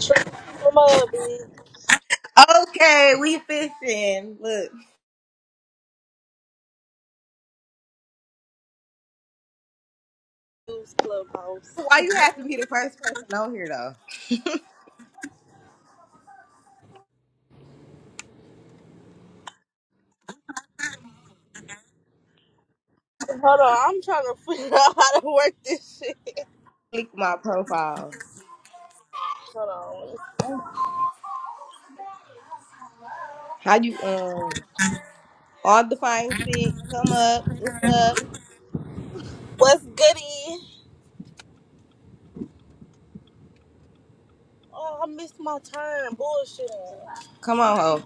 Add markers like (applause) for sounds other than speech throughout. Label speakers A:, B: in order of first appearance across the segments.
A: Come on,
B: Okay, we fishing. Look,
A: blues clubhouse.
B: why you have to be the first person on here though?
A: Hold on, I'm trying to figure (laughs) out how to work this shit.
B: Click my profile.
A: Hold on.
B: How you um all the fine shit? Come up. What's up?
A: What's goody? Oh, I missed my turn. Bullshitting.
B: Come on, ho.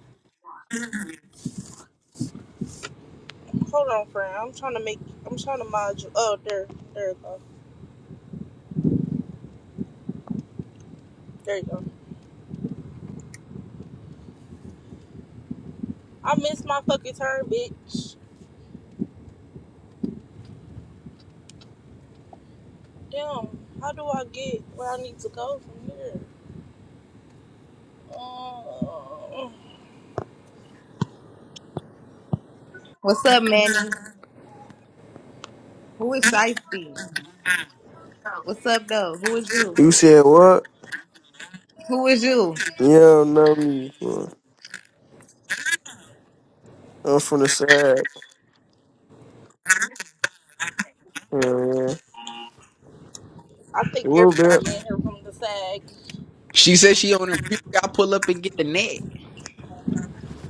A: Hold on, friend. I'm trying to make. I'm trying to mod you. Oh, there, there you go. There you go. I missed my fucking turn, bitch. Damn. How do I get where I need to go from here? Uh,
B: What's up, Manny? Who is Shiesty? What's up, though? Who is you?
C: You said what?
B: Who is you?
C: Yeah, know me. fool. I'm from the side. Yeah, man.
A: I think
C: Little bit.
A: everybody in here from the sag.
D: She said she on her period. I pull up and get the net.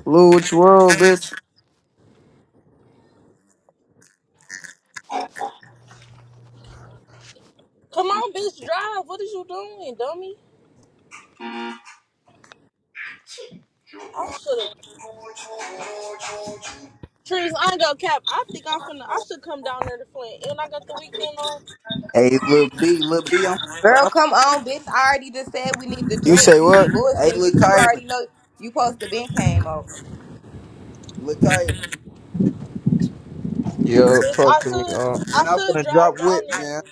C: Little what you want, bitch.
A: Come on, bitch, drive. What is you doing, dummy? I should have. Trees, I ain't gonna cap. I think I'm finna. I should come down there to Flint. And I got the weekend off.
D: Hey, lil B, lil B, I'm.
B: Girl,
D: I'm
B: come on, bitch. I already just said we need to
C: You say
B: drink. You be
C: what?
D: hey,
B: bullshitting,
D: lil
B: bitch. You
D: Kylan,
B: already know you supposed to been came over.
D: lil Kylan.
E: Yo,
A: Yes,
E: talk
A: I
E: to me. Uh,
A: should.
D: Man,
A: I
D: I'm
A: should
D: finna
A: drive
D: drop
A: down
D: whip,
A: there.
D: man.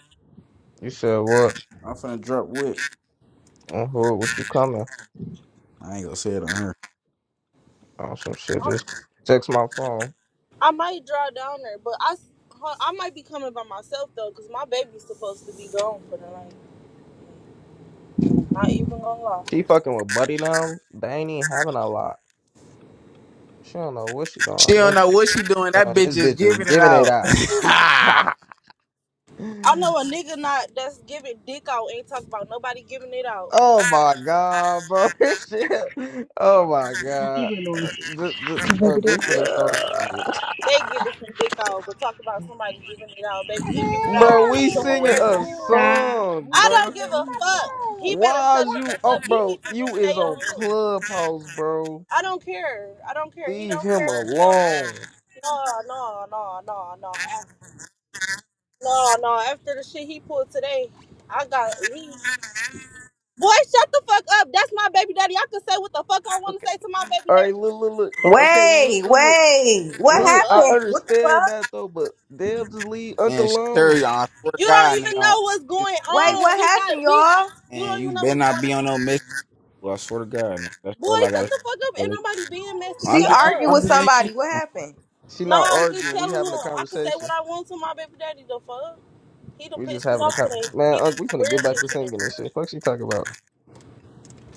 E: you said what?
D: I'm finna drop whip.
E: On who? What you coming?
D: I ain't gonna say it on her.
E: On some shit.
A: I,
E: Just text my phone.
A: might drive down there, but I, s- huh, I might be coming by myself though, cause my baby's supposed to be gone for the night. Not even gonna lie.
E: She fucking with Buddy now. They ain't even having a lot. She don't know what she
D: She
E: doing.
D: don't know
E: This,
D: what she doing. That bitch
E: doing.
D: is
E: this bitch is
D: giving it
E: giving it
D: out.
E: out.
D: (laughs)
E: (laughs)
A: I know a nigga not that's giving dick out ain't talk about nobody giving it out.
E: oh my god, bro. (laughs) This shit. Oh my god. Uh, just, just, uh, we finna start a room. (laughs)
A: They giving some dick out, but talk about somebody giving it out. Baby, you give it out
E: Bro, we
A: to
E: singing a
A: whoever.
F: Stop.
E: song,
A: I don't
E: bro.
A: give a fuck. He better
E: Why
A: shut
E: is
A: the
E: you
A: fuck
E: on,
A: up. He
E: bro?
A: needs to just
E: You is
A: stay on
E: on
A: mute.
E: Clubhouse, bro.
A: I don't care. I don't care. He
E: Leave
A: don't care
E: him
A: what he don't
E: alone.
A: care. No, no, no, no, no. No, no. After the shit he pulled today, I got he Boy, shut the fuck up. That's my baby daddy. I can say what the fuck I wanna
E: Okay.
A: say to my baby
E: All
A: daddy.
E: right, look, look, look. Okay, look,
B: Wait,
E: look, look.
B: wait. What
A: The
E: Look, I
B: happened?
A: fuck?
B: What the
E: understand
B: fuck?
E: that though, but damn, just leave Unc
D: man, she tell you,
E: alone.
D: I swear to
A: You don't
D: God, nigga. I
A: even
D: don't-
A: know what's
D: shit,
A: going
B: Wait,
D: Man,
A: on.
B: what
A: We
B: happened,
A: got we
B: y'all?
A: you
D: man,
A: don't
D: you
A: even know
D: better
A: what's
D: not
A: going
D: be
A: on.
D: on no mission. I swear to God, nigga. That's all I
A: Boy, shut
D: gotta
A: the fuck up. Ain't
D: say.
A: nobody being messy.
B: She
D: I'm
A: Shut
D: just, I'm just,
B: argued
A: up.
D: I'm
B: with
D: just leaving.
B: somebody. What happened?
E: She
A: No,
E: not
A: I was just
E: arguing. We
A: telling
E: having a
A: him. I can say what
E: conversation.
A: I want to my baby daddy the fuck. He done
E: We just
A: pissed me
E: having a
A: off
E: con.
A: today.
E: Man,
A: He did
E: Unc, we
A: some
E: finna
A: weird
E: get back to
A: shit today.
E: singing and shit. Fuck she talking about.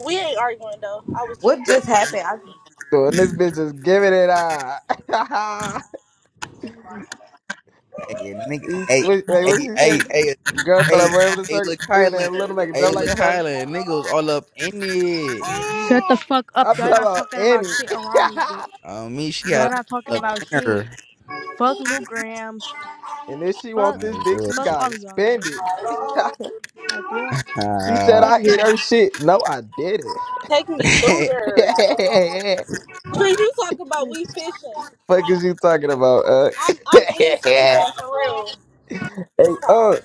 A: We ain't arguing though. I was just
B: What just
A: joking.
B: happened? I
E: Dude, and this bitch is giving it out. (laughs)
D: Hey, a nigga,
E: He's,
D: hey,
E: wait, wait, what
D: hey,
E: did she
D: hey,
E: say?
D: hey,
E: Girl thought I
D: hey,
E: ran with a
D: hey,
E: circle,
D: look,
E: even in
D: Kylan,
E: a little make it
D: hey,
E: jump like
D: look,
E: a hurdle.
D: Kylan, nigga was all up in it.
F: Shut the fuck up.
E: I'm
F: Y'all
D: (laughs)
E: talking
F: not
E: about
F: talking about
E: any.
F: shit
E: (laughs)
F: around these, bitch.
D: Oh, me, she
F: Y'all
D: got
F: not talking
D: up
F: about
D: in
F: shit.
D: her.
F: Fuck Lou Grams.
E: and if she want
F: Fuck.
E: this
D: Man,
E: dick, she
F: Fuck
D: bullshit.
E: gotta
F: all of y'all guys.
E: spend it. (laughs)
F: Like what?
E: She said
D: Uh,
F: Fuck
E: I hit her
F: y'all.
E: shit. No, I didn't.
A: take
D: (laughs)
A: me through
D: hey,
A: there.
E: (laughs)
A: Please, you talk about we fishing.
E: Fuck is you talking about, uh?
A: I'm
E: (laughs)
A: I'm is
E: hey,
A: fishing for real this time,
E: uh,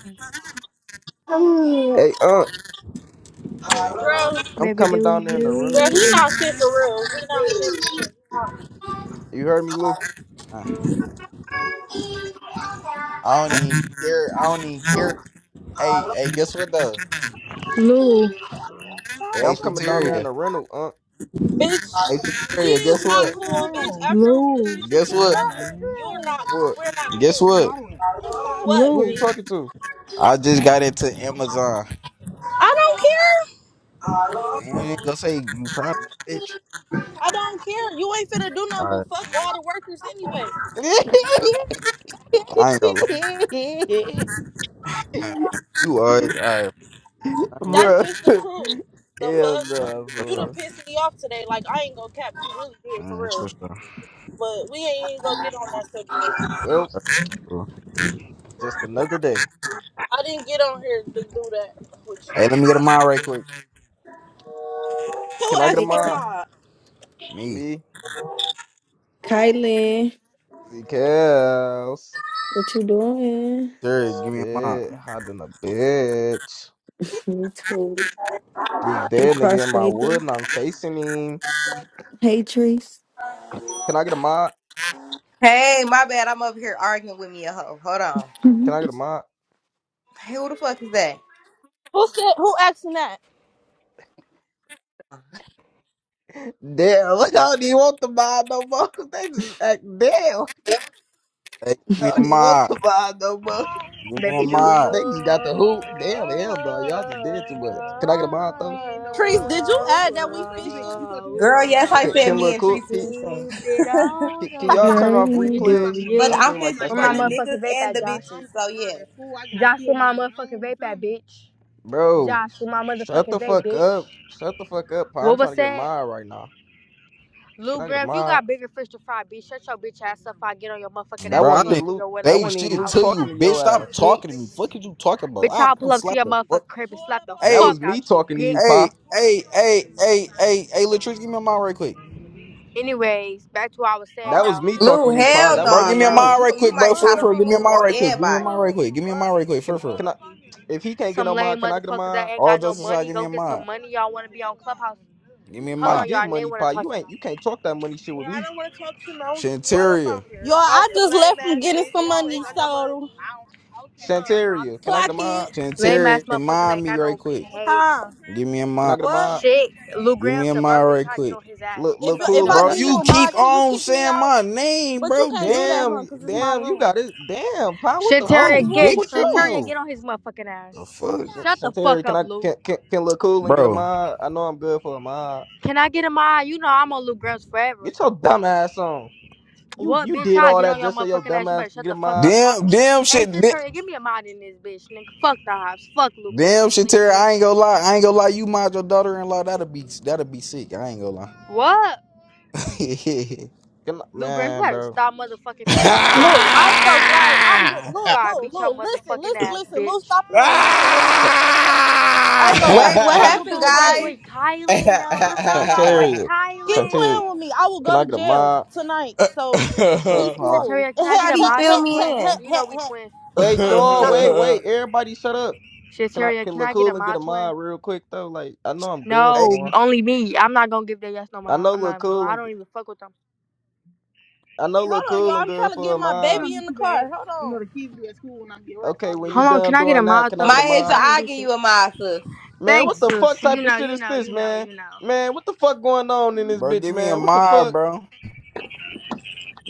E: Hey, uh,
D: uh,
A: girl.
E: I'm
F: Baby,
E: coming
F: do
E: down there in the rental,
A: Girl,
F: you?
A: he
E: dude.
A: not shit for real. He not shit for real. He not-
E: You heard me, Lou?
D: I don't need care. I don't need care. Hey, hey, guess what though?
F: Lou.
E: Hey,
D: Hey,
E: I'm coming down there in
D: Shateria.
E: the rental, uh?
D: Hey,
A: Bitch, we
D: Shateria, guess
A: is not
D: what?
A: cool, bitch. After the
F: Lou.
A: shit you
D: Guess
A: pulled
D: what?
A: earlier, you're not.
E: What?
A: We're not
D: Guess
A: cool.
D: what?
A: What,
E: Who
F: Lou.
E: you
A: bitch?
E: talking to?
D: I just got into Amazon.
A: I don't care.
D: Damn, you ain't gonna say you proud of the bitch.
A: I don't care. You ain't finna do
D: All
A: nothing but
D: right,
A: fuck all the workers anyway.
D: I ain't gonna lie.
E: (laughs)
D: Hey, man, You are all right. All right, man.
A: That's
E: Bruh.
A: just the truth. The
E: Hell
D: nah,
E: nah,
D: for
A: fuck? You
D: sure.
A: done
E: bro.
A: pissed me off today. Like, I ain't gonna cap. You really did,
D: All
A: for
D: right, for
A: real.
D: sure. All
A: But we ain't even gonna get on that subject.
E: Well,
D: right, cool.
E: just another day.
A: I didn't get on here to do that with you.
D: Hey, let me get a mod right quick.
A: Who
E: Can I get a
A: asked
G: Hey,
A: for a
E: mod?
G: Ky-
A: mod?
D: Me.
E: Me,
G: Kylan,
E: Z Kels.
G: what you doing?
D: Sure, give me a mod.
E: Shit, hiding a bitch.
G: Me too.
E: This
G: I'm
E: dead nigga in my wood
G: crossfading.
E: and I'm facing him.
G: Hey, Trees.
E: Can I get a mod?
B: Hey, my bad. I'm up here arguing with me a hoe. Hold on.
G: (laughs)
E: Can I
G: you
E: get a mod?
B: Hey, who the fuck is that?
A: Who said, who asking that?
E: Damn, (laughs) look, I don't even want the mod no more. (laughs) They just act damn.
D: Hey, give
E: I
D: me a
E: don't even want
D: mod.
E: the mod no more.
D: Give me a
F: Baby,
E: (laughs)
F: do you?
D: mod.
E: They just got the hoop. Damn, hell no. Y'all just did too much. Can I get a mod though?
A: Trees, did you add that we fishing?
B: Girl, yes, I
E: Can,
B: said
E: can
B: me
E: Lil
B: and Tree
E: Cook, can,
B: speaking.
F: Keep it
B: (laughs)
F: all
E: can,
F: the
E: can y'all turn off
G: alright?
F: Do
E: replays?
F: you?
B: but
E: I
B: I'm
E: feel like
B: fishing
E: that's
F: Where
B: for
F: my
B: the
E: police.
B: niggas
F: motherfucking vape
B: and
F: at,
B: the
F: Josh?
B: bitches. So yeah.
F: Josh, where motherfucking vape at, bitch?
E: Bro,
F: Josh, where my
E: shut
F: motherfucking
E: the
F: vape,
E: fuck
F: bitch?
E: up. Shut the fuck up, Pa. I'm
F: What
E: trying
F: was
E: to get a
F: that?
E: mod right now. Can
F: Lou
E: I get a
F: Grams, you
E: mod?
F: got bigger fish to fry, bitch. Shut your bitch ass up. I get on your motherfucking
E: That
F: ass
D: Bro,
F: and
D: I
E: wasn't
F: pull up
E: even
D: didn't
F: to
E: Luke.
F: your
E: That
D: say
E: wasn't
F: motherfucking
E: even
D: shit
E: Luke
F: house,
D: to you,
E: talking to
D: bitch.
E: your
D: Stop
E: ass.
D: talking to me.
F: bitch.
D: Fuck is you talking about?
F: Bitch,
D: I
F: I'll pull
D: come
F: up to
D: slap
F: your
D: the fuck.
F: motherfucking crib and slap the
E: That
D: Hey,
E: was
F: fuck
E: me
F: out you,
E: talking to you,
F: bitch.
D: hey,
E: Pa.
D: hey, hey, hey, hey, hey, Latrice, give me a mod right quick.
F: Anyways, back to what I was saying
E: That was
F: though.
E: me talking to
B: Lou,
E: you,
F: Baby,
E: Pa.
F: do
B: hell
E: That
F: you?
D: Bro,
E: wasn't
B: no,
D: give me
E: even
D: a
B: bro.
E: Luke.
D: mod
B: You
D: right
B: you
D: quick, bro.
B: might
D: For
B: try
D: real,
B: to
D: for real. Give me a
B: remove
D: mod
B: all
D: right quick. Give me a
B: everybody.
D: mod right quick. Give me a mod right quick. For real,
E: Can
D: for real.
E: can I? If he can't get
F: Some
E: no
F: lame
E: mind, can I get a
F: motherfuckers that
E: mind?
F: ain't
D: All
F: got no
D: jokes aside,
F: money,
D: give me
F: go
D: a
F: get some
D: mod.
F: money. Y'all wanna be on Clubhouse?
D: Give me a
F: Hold
E: I
D: mod.
F: on,
E: get
F: y'all. And they
E: money,
F: wanna
E: Pa.
F: talk
E: You
F: to
E: ain't. You
F: y'all.
E: can't talk that money shit with me.
D: Shanteria.
A: Y'all, I just left from getting some money, so
E: Shantaria, can I get
A: clock
E: a mind?
A: it.
F: Lame
D: Shantari,
F: ass motherfuckers that
D: mind
F: ain't
D: me
F: got
D: right
F: no
D: quick.
F: pay.
A: Huh?
D: Give me a
E: Can I
D: mind.
E: get a
A: What?
E: mind?
F: Shit, Lou
D: Give me a
F: Graham's a broke
D: mind
F: bitch.
D: right
F: I get on
D: quick.
F: his ass,
E: Look,
A: If
E: look
F: so
A: you-
F: he
A: if
E: cool
A: I
E: and
F: knows
D: Bro,
E: I,
F: to
A: give you
F: shut
D: you
A: a
F: the
D: keep
F: fuck
A: mod, can
F: up.
A: you
D: on
A: kick me
D: saying
A: out?
D: my name,
A: But you
D: bro.
A: can't do
D: Damn.
A: that,
E: damn,
A: huh? Cause it's my
E: damn. You
A: room.
E: got it. Damn, Pa. What
F: Shit,
E: the
D: Oh,
E: fuck
F: Terry,
E: is wrong
F: get
D: dick in
E: with
D: her
F: shit,
E: you?
F: Terry,
D: mouth.
F: get on his motherfucking ass.
D: The fuck?
E: Shan-
F: Shut the fuck
E: Shantaria, can
F: up,
E: I
F: Lou.
E: can can, can look cool and get a
D: Bro.
E: mind? I know I'm good for a mind.
F: Can I get in my eye? You know I'm on Luke Grimes forever.
E: Get your dumb ass on. You
F: What
E: you
F: bitch?
E: did
F: I
E: all
F: get on
E: that
F: your
E: just so your
F: motherfucking
E: dumb
F: ass. You
E: ass
F: better
E: could
F: shut the
E: get
F: fuck
E: mine.
F: up
D: Damn,
F: talking.
D: damn
F: Hey,
D: shit.
F: shit,
D: da-
F: Terry, give me a mod in this bitch, nigga. Fuck the hops. Fuck Luke
D: Damn
F: Grimes,
D: shit, Terry.
F: nigga.
D: I ain't gonna lie. I ain't gonna lie. You mind your daughter in law. That'll be that'll be sick. I ain't gonna lie.
F: What?
E: Can I,
F: Luke Grimes, you
E: man,
F: better
E: bro.
F: stop motherfucking playing with me
E: Sh-
F: on my
A: Lou, I
F: granny.
A: ain't gonna
D: (laughs)
A: lie. I'm re- Lou,
F: Fire,
A: Lou,
F: beat your
A: Lou. Listen,
F: motherfucking
A: listen,
F: ass,
A: listen. Lou,
F: bitch.
A: stop playing with me for real.
E: sh-
A: I ain't gonna cap. I ain't
F: That's it.
A: gonna
F: (gasps)
B: Wait,
A: cap.
B: what
A: Today
F: Hey,
D: Ah!
A: will
F: what's
A: be
B: happened,
F: up
A: the
F: with my
A: day.
B: guys?
F: boy Kylan, though? What's
E: sh-
F: up with my boy
E: Shantaria,
D: Ah!
A: Keep
E: Shantaria,
A: playing with
F: Kylan?
A: me. I will
E: can
A: go
E: I
A: to
E: get a
A: jail
E: mod?
A: tonight. So
E: What's
A: be
E: up,
D: (laughs)
F: Shit,
E: Pa?
A: smooth.
F: Terry,
A: (laughs)
F: can I get a
B: Somebody
F: mod,
B: fill
F: though,
B: me
F: twin?
B: in.
F: You know we twins.
D: (laughs)
E: Wait,
A: Fuck, I'm
E: y'all,
A: not
E: wait,
A: playing.
D: hey,
E: wait. Everybody, shut up.
F: Shit,
E: Can I
F: Terry,
E: can
F: can
E: look
F: I get a
E: cool and get a
F: mod, twin?
E: mod real quick though? Like I know I'm good for
F: No,
E: one.
F: only me. I'm not gonna give that yes no
E: I
F: mind.
E: know
F: I'm
E: look
F: not, bro.
E: cool
F: I
E: and
F: don't even fuck with them.
E: I know look
A: Hold on, y'all.
E: cool and
A: I'm
E: good
A: trying to
E: for a
A: get my
E: mod.
A: baby in the car. Hold on.
E: Okay, when you
F: Hold on, can
E: done
F: I get a
E: doing that,
F: mod
E: can I get a
F: though?
B: My answer,
E: mod?
F: I ain't
B: I
F: do
B: give you
F: shit.
B: a mod. sis.
E: Man, what
F: Thanks,
E: the fuck
F: sis. You
E: type of
F: know,
E: shit
F: you
E: is
F: know,
E: this,
F: you know,
E: man?
F: you know.
E: Man, what the fuck going on in this
D: bro,
E: bitch,
D: give me a
E: man? What the
D: mod,
E: fuck?
D: bro.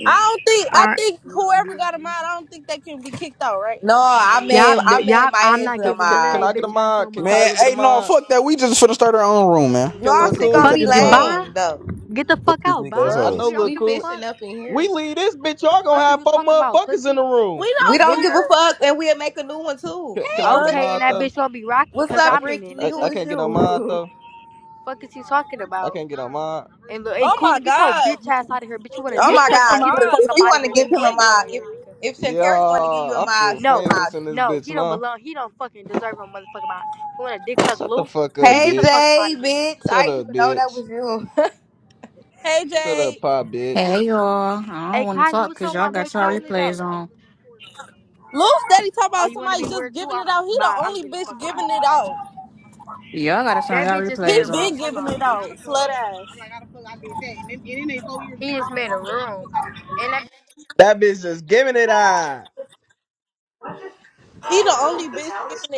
A: I don't think.
F: All
A: I
F: right,
A: think whoever got him out, I don't think they can be kicked out, right?
B: No, I
F: y'all,
B: made I
F: d-
B: made
F: y'all.
B: my
F: I'm
B: answer
F: not
B: a
E: Can,
F: giving
E: can,
F: none of
E: can
F: they
B: mod.
E: I get a
F: bitch ass no
E: mod? Can
D: Man,
F: mods.
E: Kylan get a
D: hey, no,
E: mod?
D: fuck that. We just finna start our own room, man.
E: Can
D: Fuck
E: Lil
B: Y'all
D: these
B: shit
E: Cool
D: weak
B: gonna
F: Fuck,
D: ass
E: and
B: be
E: get a
D: hoes.
E: mind?
F: goodbye.
B: lame though.
F: Get the
D: Fuck
F: fuck
D: these
F: out,
D: weak ass
F: bye.
B: Fuck,
E: I
D: hoes.
E: know
F: We
E: Lil
F: don't
B: we
F: give a
E: Cool.
B: fishing
F: fuck.
B: up in
E: We
B: here.
E: leave this bitch. Y'all gonna
F: Fuck is
E: have
F: you
E: four
F: talking about,
E: motherfuckers in the
F: pussy?
E: room.
A: We
B: We
A: don't
B: don't
F: Lou?
B: give a
A: care.
B: fuck, and we'll make a new one too.
E: Can,
B: The
E: can
A: Hey,
E: I get a
B: fuck?
F: Okay, and
E: mod
F: that
A: today.
E: though?
F: bitch gonna be rocking,
B: What's
E: I
F: cause
B: up,
E: I,
F: I'm
E: can,
F: in it,
B: Ricky?
E: I
B: Who
E: I
F: nigga.
B: is
E: can't get a
B: you?
E: mod
B: (laughs)
E: though.
F: Fuck is he talking
E: I
F: about?
E: can't get a mod.
F: And look, and
A: Oh
F: cool,
A: my
F: get your
A: God.
F: bitch ass out of here, bitch. You want a
B: oh
A: Give
F: dick
B: my
A: him
F: suck,
A: a
F: bitch?
B: God,
F: Get the
B: sis!
A: mod
F: fuck
B: If
F: up
A: so
B: you
A: he
F: out of
B: want
A: can
B: to
F: here,
B: give
A: quit
F: nigga.
B: him
F: You
B: a
F: ain't belong
B: mod,
A: begging.
B: if
F: here, nigga.
B: if
E: Yeah,
F: Fuck
B: Shantari want to give you a
E: I
B: mod,
E: feel
B: she
F: No,
B: a mod.
E: famous in
B: you.
E: this
F: no,
E: bitch
F: he don't
E: now.
F: belong. He don't fucking deserve a motherfucking mind. You want a dick suck,
E: Shut the
F: Lou?
E: fuck up,
F: Bitch,
B: Hey
F: get the fuck
E: bitch.
F: up out
B: Jay,
F: of here.
B: bitch! I
E: Shut
B: didn't
E: up,
B: even know that
E: bitch.
B: was you.
A: Hey,
E: Shut
A: Jade.
E: up, pop, bitch.
H: Hey y'all, I don't
F: Hey,
H: want to
F: Kylie,
H: talk
F: what's
H: because
F: up,
H: y'all
F: my boy
H: got y'all
F: Kylie though?
H: replays on.
A: Lil Steady talk
F: Oh,
A: about
F: you want to
A: somebody
F: be
A: just
F: weird too?
A: giving it
F: I'm
A: out. He the
F: bye. I'm
A: only
F: getting the
A: bitch
F: fuck up out of
A: giving
F: here.
A: it out.
H: Y'all got to turn
F: That
H: y'all
F: bitch just made a
H: replays
A: He
F: room.
A: been
H: off.
F: Hold
A: giving
F: on.
A: it out. Slut ass.
F: I'm He just made a room, and that
E: That bitch just giving it out.
A: He the only bitch giving